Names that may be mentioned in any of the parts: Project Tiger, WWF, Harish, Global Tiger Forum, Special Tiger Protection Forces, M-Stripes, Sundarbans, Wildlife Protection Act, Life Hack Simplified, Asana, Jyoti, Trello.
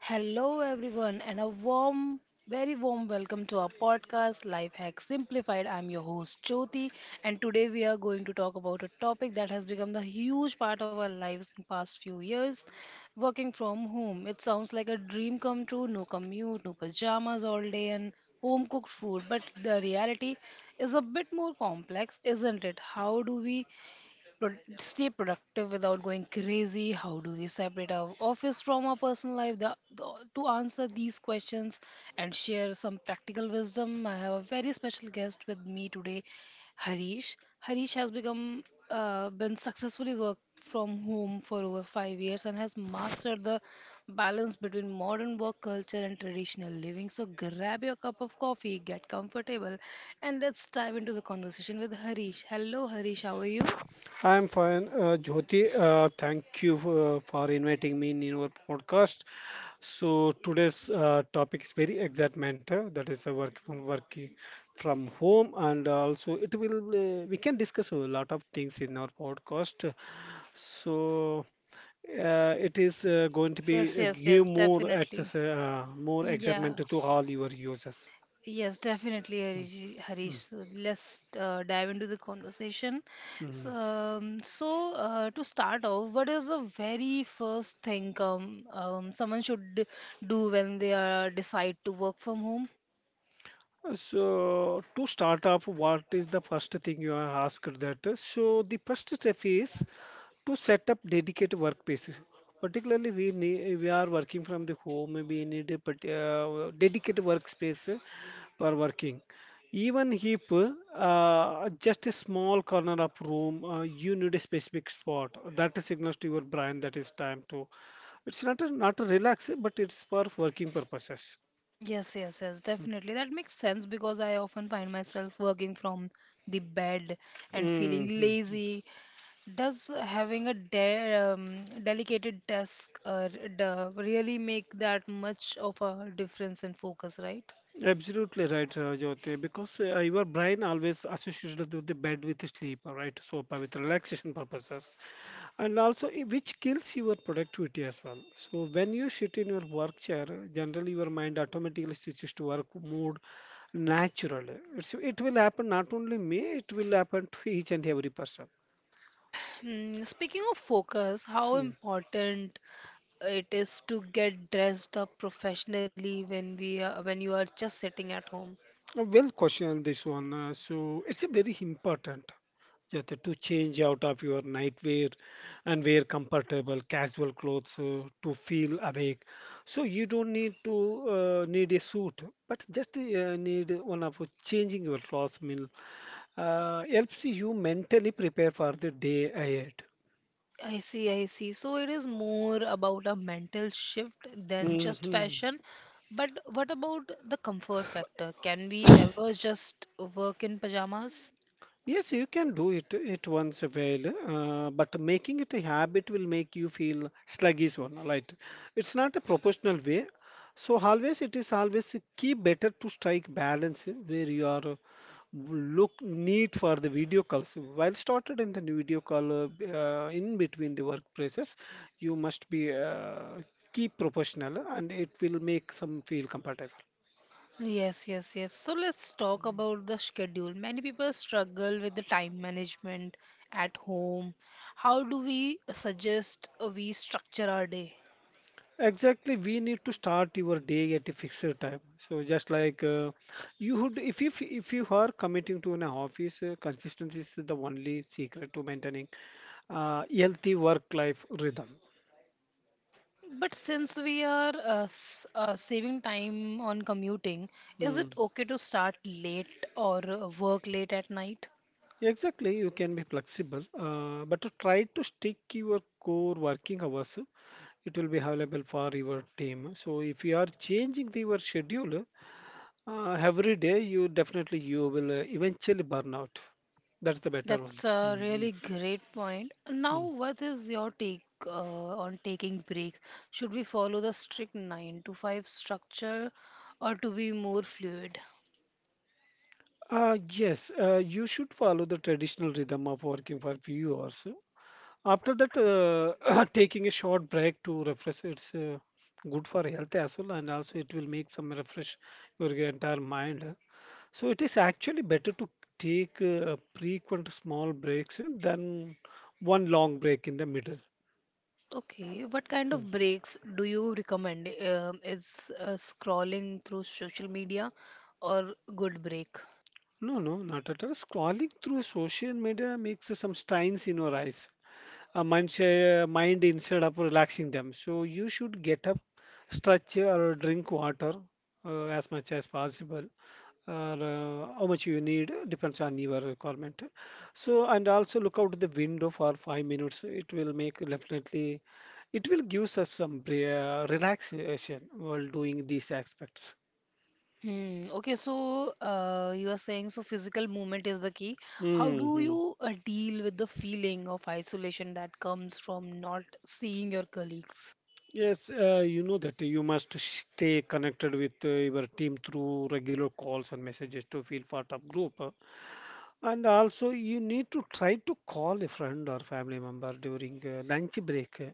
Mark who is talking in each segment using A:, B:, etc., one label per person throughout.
A: Hello, everyone, and a warm, very warm welcome to our podcast, Life Hack Simplified. I'm your host, Jyoti, and today we are going to talk about a topic that has become the huge part of our lives in past few years working from home. It sounds like a dream come true, no commute, no pajamas all day, and home cooked food, but the reality is a bit more complex, isn't it? How do we but stay productive without going crazy. How do we separate our office from our personal life? To answer these questions and share some practical wisdom, I have a very special guest with me today, Harish. Harish has become been successfully worked from home for over 5 years and has mastered the balance between modern work culture and traditional living. So grab your cup of coffee, get comfortable, and let's dive into the conversation with Harish. Hello, Harish. How are you?
B: I'm fine, Jyoti. Thank you for inviting me in your podcast. So today's topic is very exact matter. That is a working from home, and also it will we can discuss a lot of things in our podcast. So it is going to
A: Yes,
B: be
A: yes,
B: give
A: yes,
B: more
A: definitely.
B: access, more
A: Yeah,
B: excitement to all your users.
A: yes, definitely,
B: Mm,
A: Harish.
B: mm,
A: So let's dive into the conversation.
B: mm.
A: So, to start off, what is the very first thing someone should do when they are decide to work from home?
B: So to start off, what is the first thing you are asked that? So the first step is to set up dedicated workplaces. Particularly, we are working from the home. We need a dedicated workspace for working. Even if just a small corner of room, you need a specific spot that signals to your brain that is time to. It's not a relax, but it's for working purposes.
A: Yes, yes, yes, definitely. That makes sense because I often find myself working from the bed and feeling
B: Hmm.
A: lazy. Does having a de dedicated task really make that much of a difference in focus, right?
B: Absolutely right, Jyoti, because your brain always associated with the bed with sleep, right? Sofa with relaxation purposes, and also which kills your productivity as well. So when you sit in your work chair, generally your mind automatically switches to work mode naturally. It will happen not only me, it will happen to each and every person.
A: Hmm, speaking of focus, how important it is to get dressed up professionally when when you are just sitting at home.
B: A well question this one. So it's a very important yeah, to change out of your nightwear and wear comfortable casual clothes to feel awake. So you don't need to need a suit, but just need one of changing your clothes meal helps you mentally prepare for the day ahead.
A: I see, I see. So it is more about a mental shift than just
B: Hmm.
A: fashion. But what about the comfort factor? Can we ever just work in pajamas?
B: Yes, you can do it once a while, but making it a habit will make you feel sluggish one, right? It's not a proportional way. So always it is always key better to strike balance where you are look need for the video calls. While started in the video call in between the workplaces, you must be keep proportional and it will make some feel comfortable.
A: Yes, yes, yes. So let's talk about the schedule. Many people struggle with the time management at home. How do we suggest we structure our day?
B: Exactly, we need to start your day at a fixed time. So just like you would, if you are committing to an office, consistency is the only secret to maintaining healthy work-life rhythm.
A: But since we are saving time on commuting, is
B: Hmm.
A: it okay to start late or work late at night?
B: Exactly, you can be flexible, but to try to stick your core working hours. It will be available for your team. So if you are changing your schedule every day, you definitely you will eventually burn out. That's the better
A: That's
B: one.
A: a
B: Hmm.
A: really great point. Now,
B: Mm.
A: what is your take on taking breaks? Should we follow the strict 9 to 5 structure or to be more fluid?
B: Yes, you should follow the traditional rhythm of working for few hours. After that, taking a short break to refresh, it's good for health as well, and also it will make some refresh your entire mind. So it is actually better to take frequent small breaks than one long break in the middle.
A: Okay, what kind
B: Mm.
A: of breaks do you recommend? Is scrolling through social media or good break?
B: No, no, not at all. Scrolling through social media makes some strains in your eyes. A mind instead of relaxing them. So you should get up, stretch, or drink water as much as possible, or how much you need depends on your requirement. So and also look out the window for 5 minutes. It will make definitely, it will give us some relaxation while doing these aspects.
A: Hmm. Okay, so you are saying so physical movement is the key. How do
B: Hmm.
A: you deal with the feeling of isolation that comes from not seeing your colleagues?
B: Yes, you know that you must stay connected with your team through regular calls and messages to feel part of group. And also, you need to try to call a friend or family member during lunch break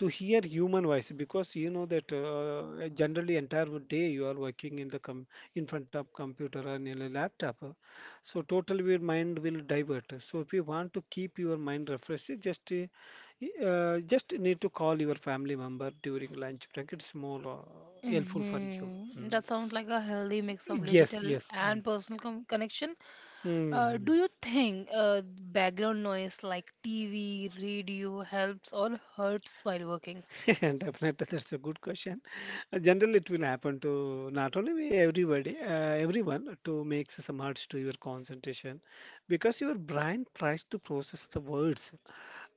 B: to hear human voice because you know that generally entire day you are working in the com in front of computer and in a laptop. So totally your mind will divert. So if you want to keep your mind refreshed, just need to call your family member during lunch break. It's more helpful for you.
A: That
B: Mm.
A: sounds like a healthy mix of
B: Yes,
A: digital
B: yes, yeah.
A: and personal com connection. Uh,
B: Mm.
A: do you think background noise like TV, radio helps or hurts while working?
B: Definitely, that's a good question. Generally, it will happen to not only me, everyone, to make some hurts to your concentration because your brain tries to process the words.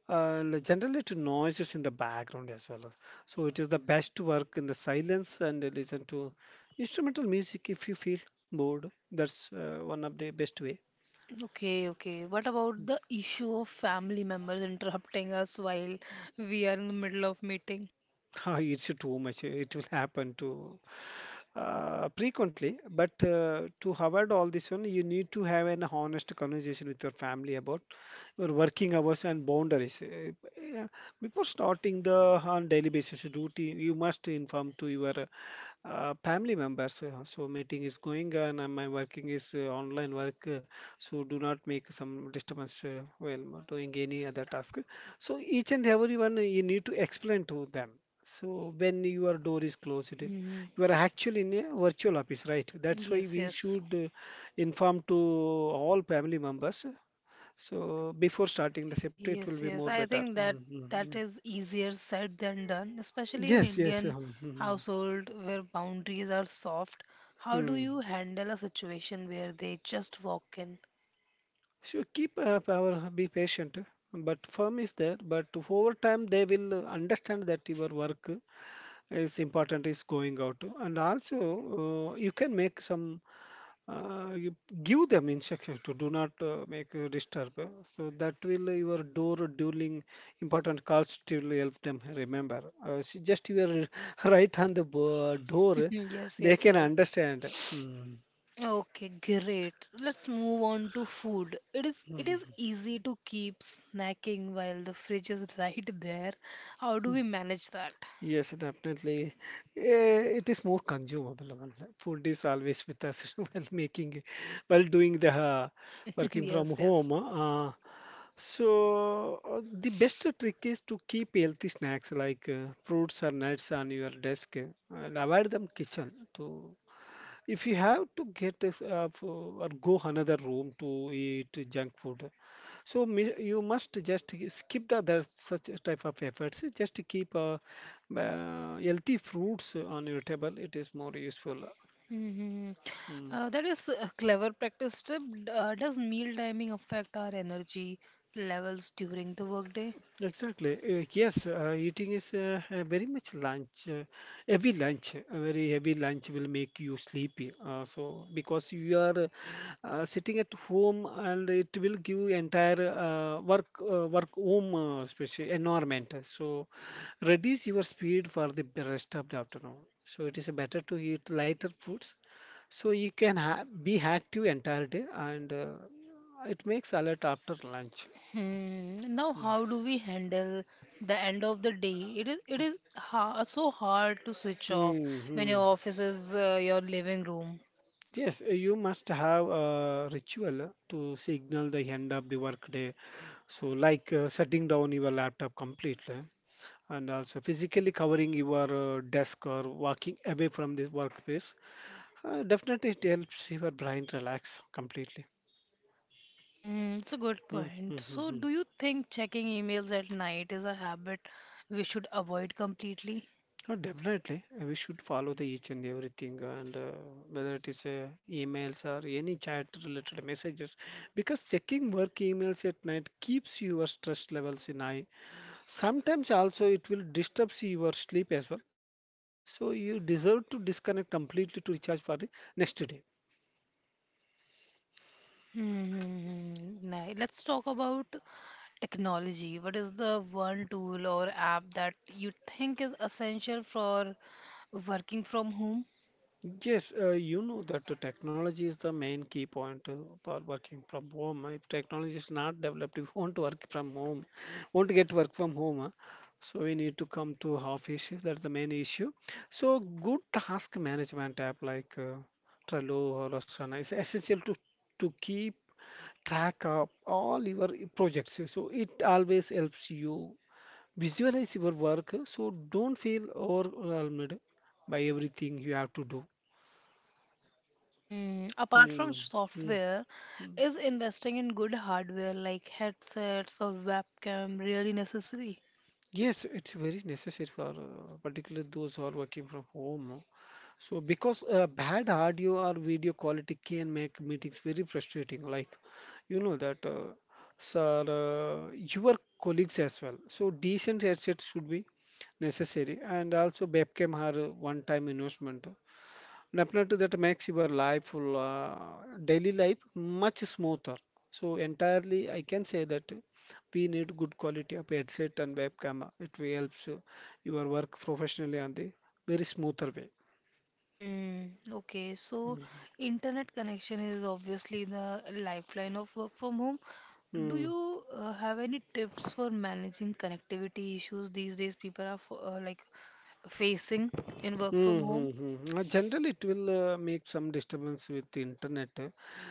B: And generally, to noises in the background as well. So it is the best to work in the silence and listen to instrumental music if you feel bored. That's one of the best way.
A: Okay, okay. What about the issue of family members interrupting us while we are in the middle of meeting?
B: Ah, it's too much. It will happen to frequently. But to avoid all this one, you need to have an honest conversation with your family about your working hours and boundaries. Yeah, before starting the on daily basis routine, you must inform to your family members. So meeting is going on, and my working is online work. So do not make some disturbance while doing any other task. So each and everyone you need to explain to them. So when your door is closed,
A: hmm
B: you are actually in a virtual office, right? That's why
A: Yes,
B: we
A: yes.
B: should uh, inform to all family members. So before starting the safety, it
A: Yes,
B: will be
A: yes.
B: more
A: I
B: better.
A: think that
B: Mm, mm,
A: that
B: mm.
A: is easier said than done, especially in
B: Yes, yes,
A: Indian
B: mm,
A: household where boundaries are soft.
B: mm,
A: How do
B: mm.
A: you handle a situation where they just walk in?
B: So keep power, be patient. But firm is there. But over time, they will understand that your work is important is going out to, and also you can make some you give them instructions to do not make a disturb so that will your door dueling important calls to help them remember just you are right on the door
A: Yes,
B: they
A: yes,
B: can
A: yes.
B: understand. Mm.
A: Okay, great. Let's move on to food. It is easy to keep snacking while the fridge is right there. How do we manage that?
B: Yes, definitely. Eh, it is more consumable. Well, food is always with us while making, while doing the working from
A: Yes, yes.
B: home. The best trick is to keep healthy snacks like fruits or nuts on your desk and avoid them kitchen too. If you have to get this or go another room to eat junk food, so you must just skip the other such type of efforts. Just keep healthy fruits on your table. It is more useful.
A: Mhm.
B: Mm.
A: That is a clever practice tip. Does meal timing affect our energy levels during the workday?
B: Exactly. Yes, Eating is very much lunch. Heavy lunch, a very heavy lunch will make you sleepy. So because you are sitting at home and it will give you entire work home especially environment. So reduce your speed for the rest of the afternoon. So it is better to eat lighter foods so you can ha be active entire day and it makes alert after lunch.
A: Hmm. Now, how do we handle the end of the day? It is ha so hard to switch off when your
B: Mm-hmm.
A: office is your living room.
B: Yes, you must have a ritual to signal the end of the workday. So, like shutting down your laptop completely and also physically covering your desk or walking away from the workspace. Definitely, it helps your brain relax completely.
A: Hmm, it's a good point. So,
B: Mm-hmm.
A: do you think checking emails at night is a habit we should avoid completely?
B: Oh, definitely, we should follow the each and everything, and whether it is emails or any chat-related messages, because checking work emails at night keeps your stress levels in high. Sometimes also it will disturb your sleep as well. So you deserve to disconnect completely to recharge for the next day.
A: Hmm. Now, let's talk about technology. What is the one tool or app that you think is essential for working from home?
B: Yes, you know that the technology is the main key point for working from home. If technology is not developed, if you want to work from home, want to get work from home, huh? So we need to come to office. That's the main issue. So good task management app like Trello or Asana is essential to keep track up all your projects. So it always helps you visualize your work. So don't feel overwhelmed by everything you have to do.
A: Hmm. Apart from
B: Mm, mm,
A: software,
B: mm.
A: is investing in good hardware like headsets or webcam really necessary?
B: Yes, it's very necessary for particularly those who are working from home. So because bad audio or video quality can make meetings very frustrating, like you know that, your colleagues as well. So decent headsets should be necessary, and also webcam are a one-time investment. Definitely that makes your life, daily life much smoother. So entirely, I can say that we need good quality of headset and webcam. It will helps your work professionally on the very smoother way.
A: Hmm. Okay, so internet connection is obviously the lifeline of work from home. Do
B: Mm,
A: you have any tips for managing connectivity issues these days people are f like facing in work
B: mm,
A: from
B: hmm,
A: home?
B: hmm. Generally, it will make some disturbance with the internet. Uh,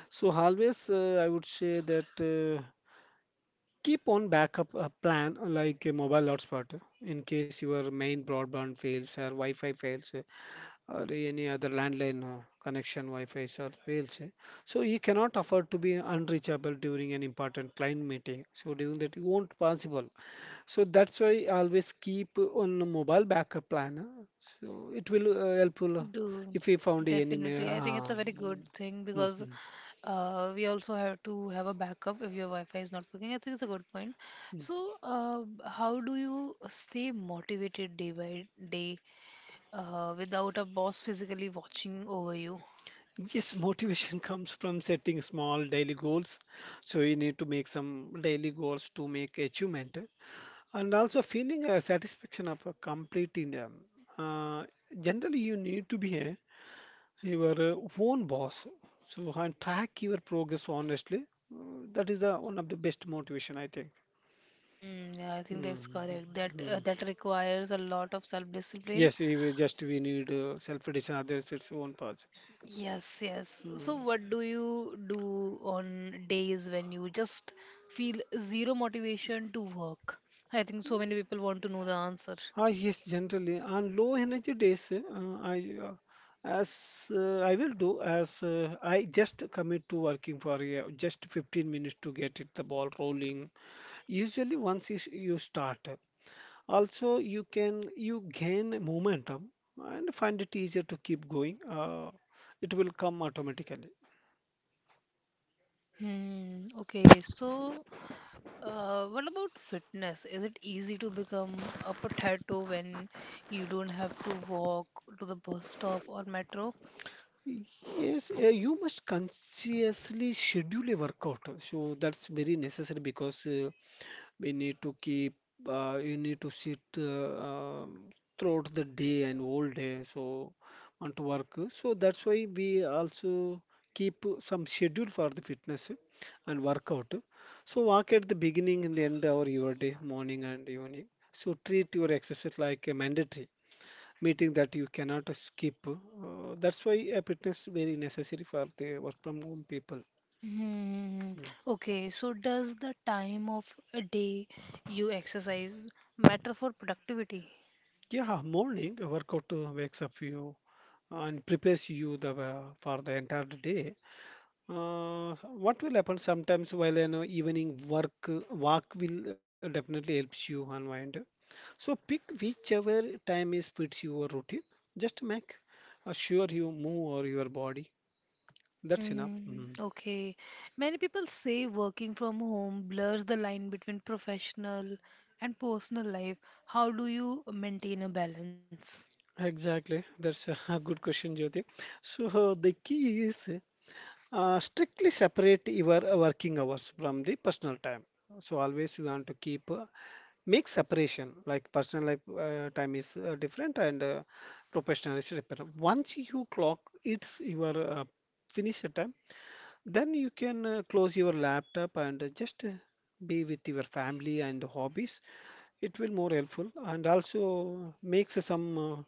B: so always, I would say that uh, keep on backup a plan like a mobile hotspot in case your main broadband fails or Wi-Fi fails, or any other landline connection, Wi-Fi or fails. Eh, so he cannot afford to be unreachable during an important client meeting. So during that, it won't possible. So that's why always keep on a mobile backup plan. So it will helpful
A: Do
B: if we found any.
A: definitely. I think it's a very good thing because
B: Mhm.
A: we also have to have a backup if your Wi-Fi is not working. I think it's a good point. So, how do you stay motivated day by day without a boss physically watching over you?
B: Yes, motivation comes from setting small daily goals. So you need to make some daily goals to make achievement, and also feeling a satisfaction of completing them. Uh, Generally, you need to be your own boss, so and track your progress honestly. That is the one of the best motivation, I think.
A: Hmm, yeah, I think that's correct. That uh,
B: Mm-hmm.
A: that requires a lot of self-discipline.
B: Yes, we will just we need self-edition, others its own parts.
A: Yes, yes. So,
B: Mm.
A: what do you do on days when you just feel zero motivation to work? I think so many people want to know the answer.
B: Ah, yes, generally on low energy days, I as I will do as I just commit to working for just 15 minutes to get it the ball rolling. Usually once you start, also you gain momentum and find it easier to keep going, it will come automatically.
A: Hmm, okay, so what about fitness? Is it easy to become a potato when you don't have to walk to the bus stop or metro?
B: Yes, you must consciously schedule a workout, so that's very necessary because we need to keep, you need to sit throughout the day and whole day, so want to work, so that's why we also keep some schedule for the fitness and workout. So walk at the beginning and the end of your day, morning and evening. So treat your exercise like a mandatory meeting that you cannot skip, that's why a fitness very necessary for the work from home people.
A: Hmm,
B: Mm.
A: okay, so does the time of a day you exercise matter for productivity?
B: Yeah, morning workout wakes up you and prepares you the for the entire day. So what will happen sometimes, while an evening work walk will definitely helps you unwind. So pick whichever time is fits your routine. Just make sure you move or your body. That's enough.
A: Hmm,
B: Mhm.
A: okay. Many people say working from home blurs the line between professional and personal life. How do you maintain a balance?
B: Exactly. That's a good question, Jyoti. So the key is strictly separate your working hours from the personal time. So always you want to keep make separation, like personal life time is different, and professional is different. Once you clock it's your finish time, then you can close your laptop and just be with your family and hobbies. It will more helpful, and also makes some uh,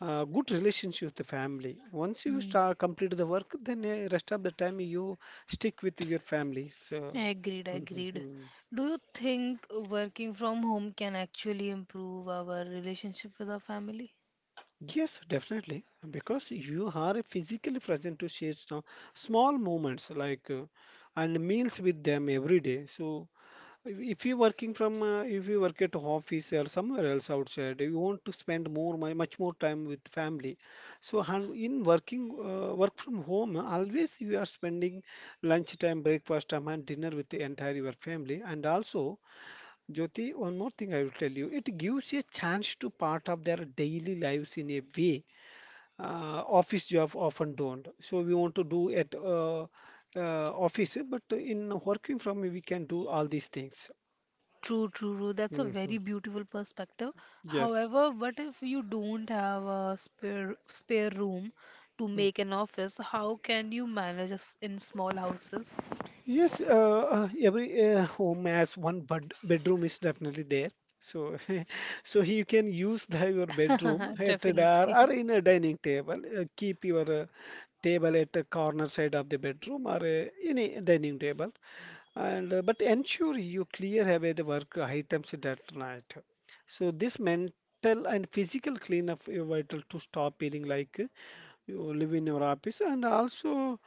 B: uh, good relationship with the family. Once you
A: Hmm,
B: start complete the work, then rest of the time you stick with your family, so
A: agreed, agreed. Do you think working from home can actually improve our relationship with our family?
B: Yes, definitely, because you are physically present to share some small moments like and meals with them every day. So if you working from if you work at office or somewhere else outside, you want to spend much more time with family. So in working work from home, always you are spending lunch time, breakfast time, and dinner with the entire your family. And also, Jyoti, one more thing I will tell you, it gives you a chance to part of their daily lives in a way office job often don't. So we want to do at office, but in working from we can do all these things.
A: True, true, true. That's a
B: Mhm.
A: very beautiful perspective.
B: Yes.
A: However, what if you don't have a spare room to
B: Mm.
A: make an office? How can you manage us in small houses?
B: Yes, every home has one bedroom is definitely there. So, so you can use the, your bedroom at a dar, or
A: Definitely.
B: in a dining table. Keep your table at a corner side of the bedroom, or any dining table, and but ensure you clear away the work items that night. So this mental and physical cleanup is vital to stop feeling like you live in your office. And also,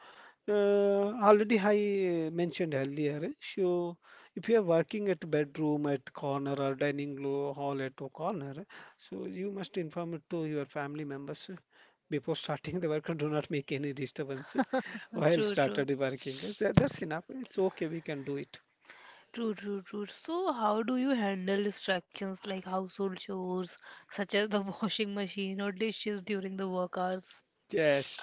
B: uh, already I mentioned earlier. So if you are working at bedroom at corner, or hall at a corner, so you must inform it to your family members, before starting the work, and do not make any disturbance while
A: True, true.
B: started working. That's enough. It's okay. We can do it.
A: True, true, true. So, how do you handle distractions like household chores, such as the washing machine or dishes during the work hours?
B: Yes,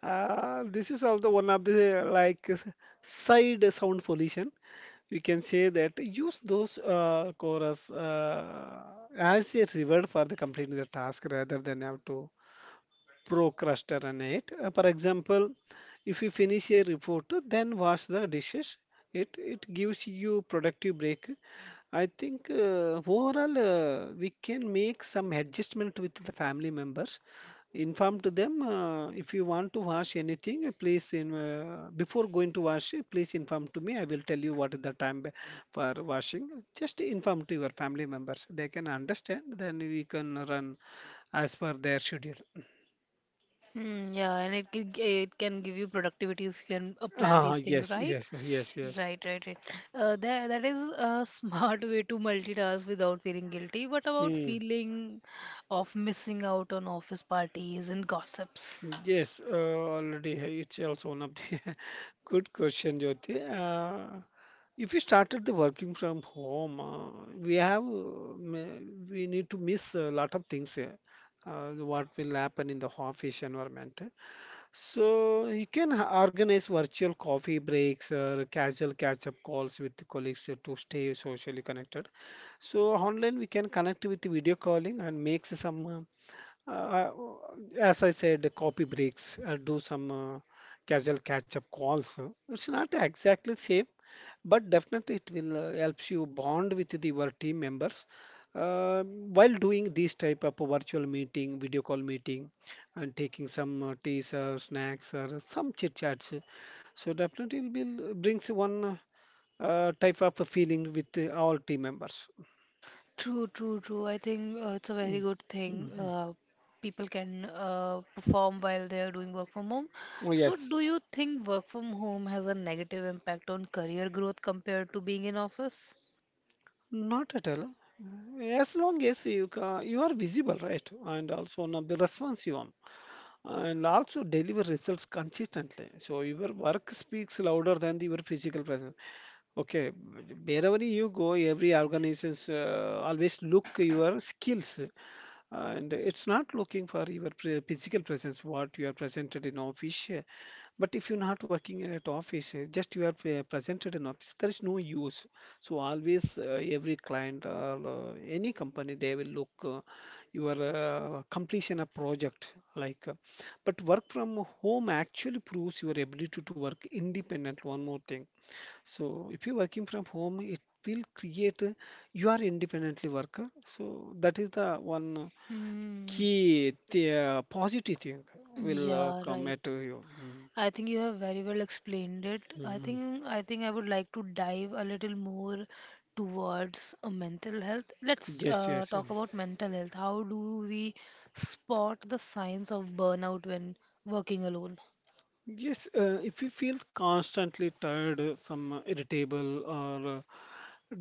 B: this is also one of the side sound pollution. We can say that use those chorus as a reward for the completing the task, rather than have to procrastinate. For example, if you finish a report, then wash the dishes. It gives you productive break. I think overall we can make some adjustment with the family members. Inform to them, if you want to wash anything, please in before going to wash, please inform to me. I will tell you what is the time for washing. Just inform to your family members. They can understand. Then we can run as per their schedule.
A: Hmm, yeah, and it can give you productivity if you can plan
B: Ah,
A: these things,
B: yes,
A: right?
B: yes, yes, yes.
A: Right, right, right. That is a smart way to multitask without feeling guilty. What about
B: Hmm.
A: feeling of missing out on office parties and gossips?
B: Yes, it's also one of the good question, Jyoti. If we started the working from home, we have we need to miss a lot of things here. What will happen in the office environment? So you can organize virtual coffee breaks or casual catch-up calls with colleagues to stay socially connected. So online we can connect with the video calling, and makes some Uh, as I said, copy breaks, and do some casual catch-up calls. It's not exactly safe, but definitely it will helps you bond with the, your team members, while doing this type of virtual meeting, video call meeting, and taking some teas or snacks or some chit chats. So definitely it will brings one type of a feeling with all team members.
A: True, true, true. I think it's a very
B: Mm,
A: good thing.
B: mhm.
A: People can perform while they are doing work from home.
B: Oh,
A: So,
B: yes,
A: do you think work from home has a negative impact on career growth compared to being in office?
B: not at all. As long as you are visible, right? And also now the responsive, you and also deliver results consistently. So your work speaks louder than your physical presence. Okay, wherever you go, every organizations always look your skills, and it's not looking for your physical presence, what you are presented in office. But if you're not working in at office, just you are presented in office, there is no use. So always, every client or any company, they will look your completion of project. Like, but work from home actually proves your ability to work independent. One more thing, so if you're working from home, it will create you are independently worker. So that is the one
A: Hmm.
B: key the positive thing will
A: Yeah,
B: come at
A: right.
B: you. Mm.
A: I think you have very well explained it. I
B: Mhm.
A: think I think I would like to dive a little more towards mental health. Let's
B: Yes, yes, yeah.
A: talk about mental health. How do we spot the signs of burnout when working alone?
B: Yes, if you feel constantly tired, some irritable, or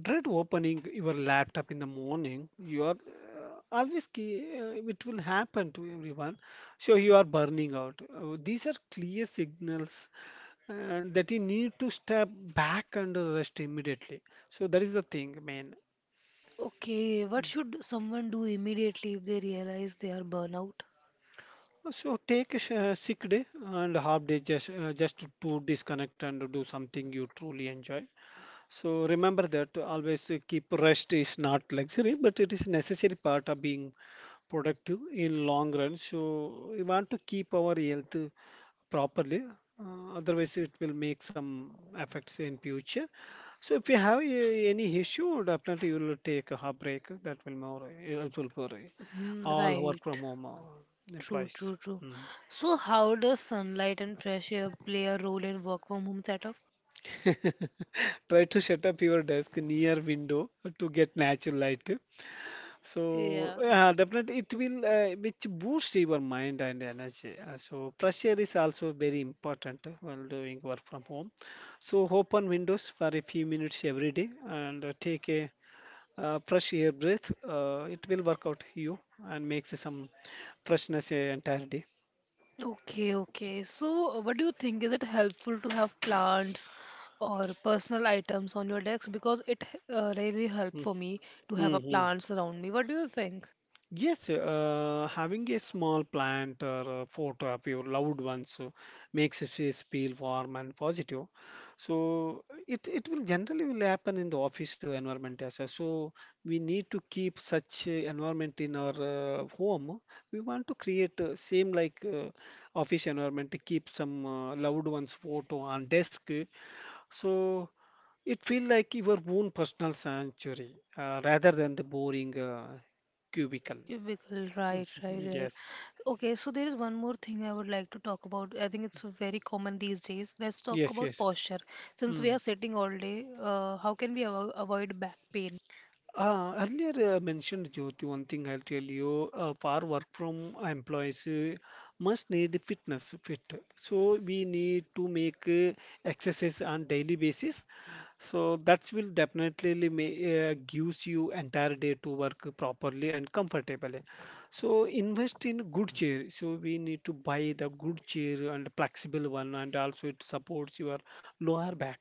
B: dread opening your laptop in the morning, you are always key, it will happen to everyone. So you are burning out. These are clear signals that you need to step back and rest immediately. So that is the thing, man.
A: Okay, what should someone do immediately if they realize they are burnout?
B: So take a sick day and half day, just to disconnect and do something you truly enjoy. So remember that always keep rest is not luxury, but it is necessary part of being productive in long run. So we want to keep our health properly. Otherwise, it will make some effects in future. So if you have a, any issue, definitely you will take a half break. That will more helpful for
A: Hmm,
B: all work
A: right.
B: from home
A: True,
B: employees.
A: true, true.
B: Mm.
A: So, how does sunlight and fresh air play a role in work from home setup?
B: Try to shut up your desk near window to get natural light. So
A: Yeah.
B: yeah, definitely it will which boost your mind and energy. So pressure is also very important while doing work from home. So open windows for a few minutes every day, and take a fresh air breath. It will work out you and makes some freshness a entire day.
A: Okay, okay. So, what do you think? Is it helpful to have plants or personal items on your desk? Because it really helped for me to have a
B: Mm-hmm.
A: plants around me. What do you think?
B: Yes, having a small plant or a photo of your loved ones makes the space feel warm and positive. So it will generally will happen in the office environment as well. So we need to keep such environment in our home. We want to create same like office environment to keep some loved ones photo on desk. So it feel like your own personal sanctuary rather than the boring cubicle.
A: Cubicle, right, right,
B: Mhm.
A: right.
B: Yes,
A: Okay, so there is one more thing I would like to talk about. I think it's very common these days. Let's talk
B: yes,
A: about
B: yes.
A: posture. Since we
B: Mm.
A: are sitting all day, how can we avoid back pain?
B: Earlier mentioned Jyoti, one thing I'll tell you, for work from employees must need fit. So we need to make exercise on daily basis. So that will definitely may, gives you entire day to work properly and comfortably. So invest in good chair. So we need to buy the good chair and flexible one, and also it supports your lower back.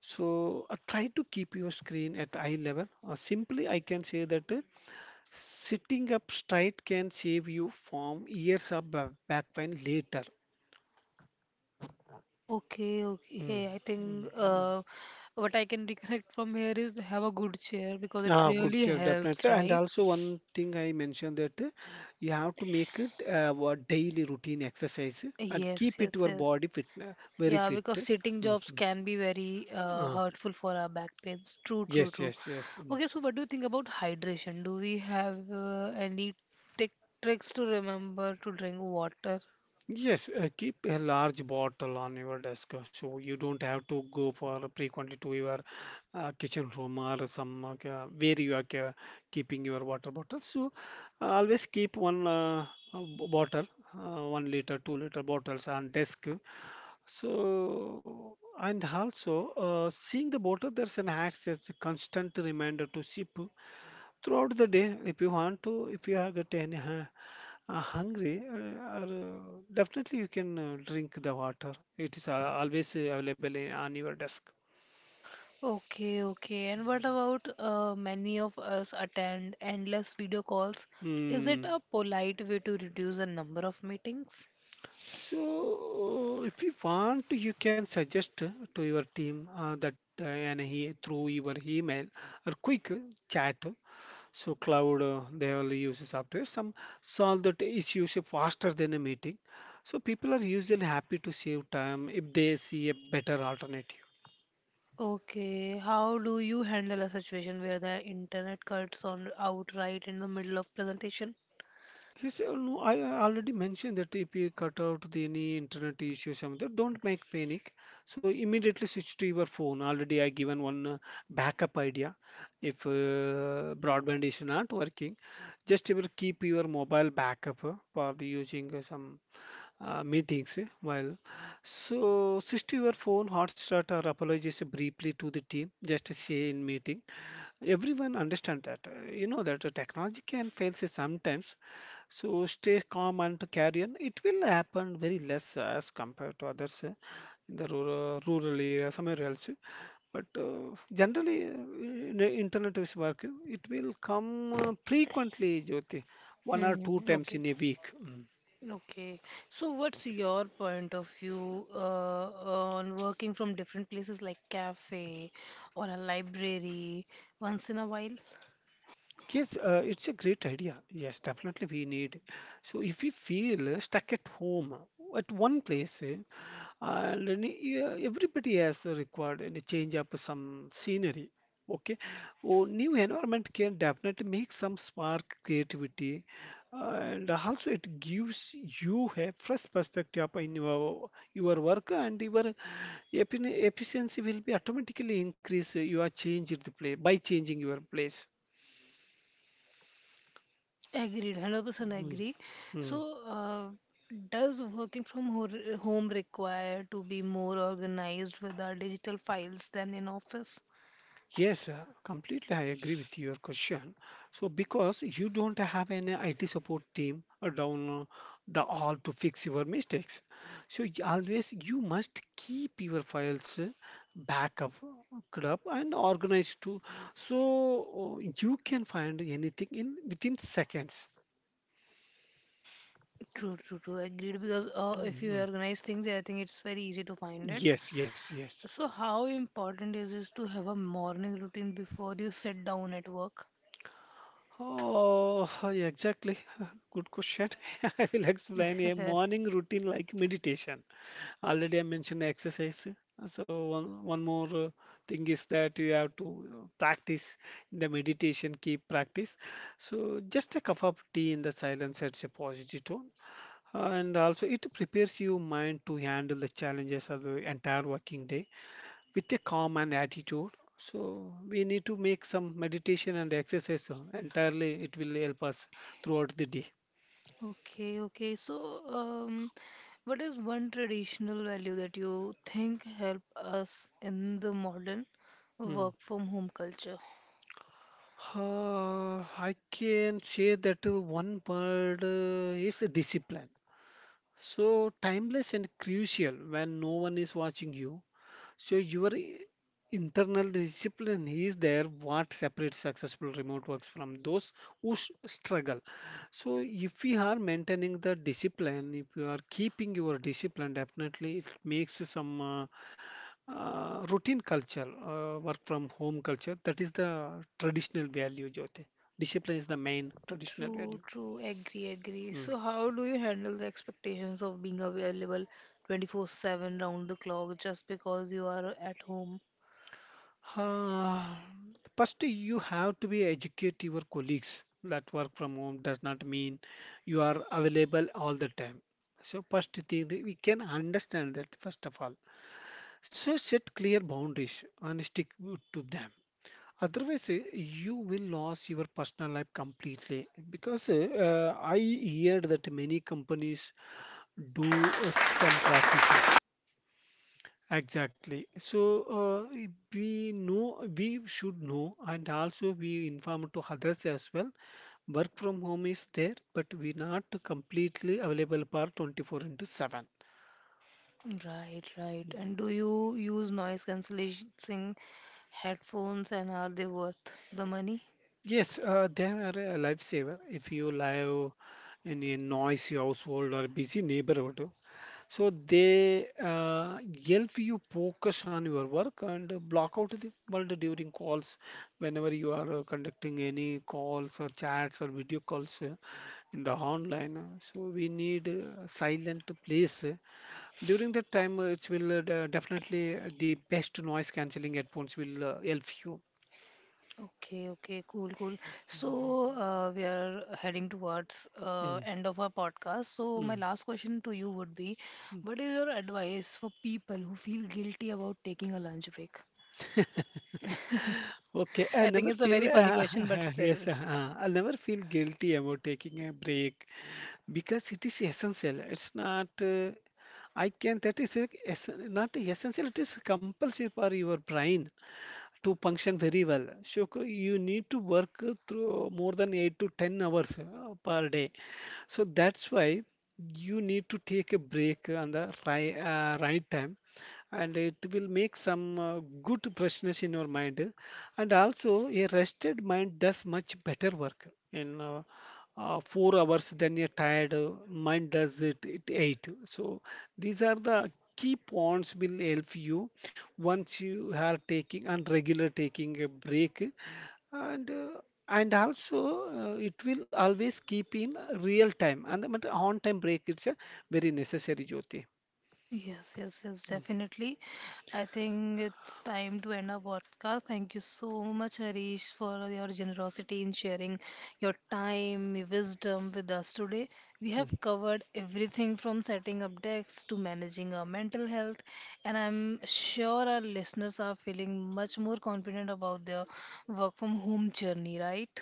B: So try to keep your screen at eye level. Simply, I can say that sitting up straight can save you from years of back pain later.
A: Okay,
B: Mm,
A: okay. I
B: mm,
A: think
B: mm.
A: what I can recollect from here is have a good chair because it
B: Ah, good
A: really
B: chair,
A: helps,
B: definitely. And
A: right?
B: also one thing I mentioned that you have to make it a daily routine exercise and
A: Yes,
B: keep it
A: yes,
B: your
A: yes.
B: body fit, very
A: Yeah,
B: fit.
A: because sitting
B: Mm,
A: jobs
B: mm.
A: can be very
B: Ah,
A: hurtful for our back pains. True, true,
B: yes,
A: true.
B: yes, yes. Mm.
A: Okay, so what do you think about hydration? Do we have any tic tricks to remember to drink water?
B: Yes, keep a large bottle on your desk, so you don't have to go for frequently to your kitchen room or some where you are keeping your water bottle. Always keep one bottle, 1 liter, 2 liter bottles on desk. So and also seeing the bottle, there's an acts as a constant reminder to sip throughout the day if you want to, if you have got any. Ha hungry, or, definitely you can drink the water. It is always available in, on your desk.
A: Okay, okay. And what about many of us attend endless video calls? Is it
B: Hmm.
A: a polite way to reduce the number of meetings?
B: So, if you want, you can suggest to your team that and he through your email or quick chat. So, cloud they will use software. Some solve that issues faster than a meeting. So, people are usually happy to save time if they see a better alternative.
A: Okay, how do you handle a situation where the internet cuts on outright in the middle of presentation?
B: He said, "Oh, no, I already mentioned that if you cut out the any internet issues, something, don't make panic. So immediately switch to your phone. Already I given one backup idea. If broadband is not working, just you will keep your mobile backup for the using some meetings while. So switch to your phone, hotspot or apologies briefly to the team. Just say in meeting. Everyone understand that. You know that the technology can fail say sometimes. So stay calm and to carry on. It will happen very less as compared to others in the rural area, somewhere else. But generally, internet is working. It will come frequently, Jyoti, one or two
A: Hmm,
B: times
A: okay.
B: in a week. Mm.
A: Okay. So what's your point of view on working from different places like cafe or a library once in a while?
B: Yes, it's a great idea. Yes, definitely we need. So if we feel stuck at home, at one place, and any, yeah, everybody has required any change up some scenery, okay, oh, new environment can definitely make some spark creativity, and also it gives you a fresh perspective in your work and your efficiency will be automatically increase, you are changed the play by changing your place.
A: Agreed, 100%
B: Hmm.
A: agree.
B: hmm.
A: So does working from ho home require to be more organized with our digital files than in office?
B: Yes, completely. I agree with your question. So, because you don't have an IT support team down the all to fix your mistakes, so always you must keep your files backup, good up and organized too, so you can find anything in within seconds.
A: True, true, true. Agreed. Because if you
B: Mhm.
A: organize things, I think it's very easy to find it.
B: Yes, yes, yes.
A: So, how important is it to have a morning routine before you sit down at work?
B: Oh, exactly. Good question. I will explain a morning routine like meditation. Already I mentioned exercise. So one more thing is that you have to practice the meditation, keep practice. So just a cup of tea in the silence sets a positive tone. And also it prepares your mind to handle the challenges of the entire working day with a calm and attitude. So we need to make some meditation and exercise. Entirely it will help us throughout the day.
A: Okay, okay. So, um, what is one traditional value that you think help us in the modern
B: Mm.
A: work from home culture?
B: I can say that one word is discipline. So timeless and crucial when no one is watching you. So your internal discipline is there what separates successful remote works from those who struggle. So if we are maintaining the discipline, if you are keeping your discipline, definitely it makes some routine culture, work from home culture. That is the traditional value, Jyoti. Discipline is the main traditional
A: True,
B: value.
A: true. Agree, agree.
B: Hmm.
A: So, how do you handle the expectations of being available 24/7 round the clock just because you are at home?
B: Uh, First, you have to be educate your colleagues that work from home does not mean you are available all the time. So first thing that we can understand that first of all. So set clear boundaries and stick to them. Otherwise, you will lose your personal life completely because I heard that many companies do some practices. Exactly. So uh, we know we should know, and also we inform to others as well. Work from home is there, but we're not completely available for 24 into 7.
A: Right, right. And do you use noise cancelling headphones and are they worth the money?
B: Yes, they are a lifesaver. If you live in a noisy household or busy neighborhood, so they help you focus on your work and block out the world during calls. Whenever you are conducting any calls or chats or video calls in the online, so we need a silent place. During that time, it will definitely the best noise cancelling headphones will help you.
A: Okay, okay, cool, cool. So, we are heading towards
B: Mm,
A: end of our podcast. So, my
B: mm,
A: last question to you would be,
B: mm.
A: what is your advice for people who feel guilty about taking a lunch break?
B: Okay, I
A: I
B: never
A: think it's a
B: feel.
A: very funny question, but
B: Yes,
A: still.
B: I'll never feel guilty about taking a break because it is essential, it's not I can that is a, ess- not essential, it is compulsive for your brain to function very well. So you need to work through more than 8 to 10 hours per day. So that's why you need to take a break on the right time and it will make some good freshness in your mind, and also a rested mind does much better work in 4 hours than a tired mind does it at eight. So these are the key points will help you once you are taking and regular taking a break, and uh, and also it will always keep in real time and but on time break, it's a very necessary, Jyoti.
A: Yes, yes, yes, definitely. I think it's time to end our podcast. Thank you so much, Harish, for your generosity in sharing your time, your wisdom with us today. We have covered everything from setting up decks to managing our mental health, and I'm sure our listeners are feeling much more confident about their work from home journey, right?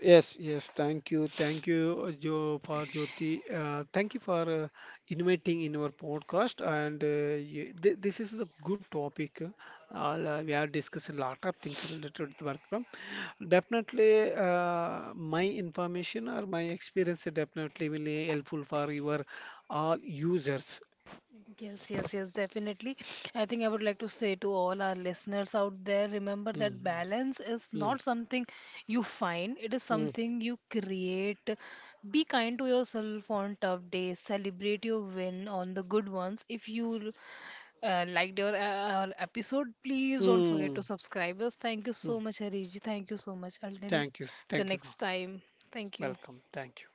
B: Yes, yes, thank you. Thank you, Jo, for Jyoti. Thank you for inviting in our podcast. And you, th this is a good topic. We have discussed a lot of things related to work from. Definitely, my information or my experience definitely will be helpful for your all users.
A: Yes, yes, yes, definitely. I think I would like to say to all our listeners out there, remember that
B: Mm,
A: balance is
B: mm,
A: not something you find, it is
B: mm,
A: something you create. Be kind to yourself on tough days, celebrate your win on the good ones. If you liked our episode, please don't forget to
B: mm,
A: subscribe us. Thank you
B: mm.
A: so much, Hariji. Thank you so much. Until
B: Thank you.
A: the
B: Thank you.
A: next time, thank you.
B: Welcome. Thank you.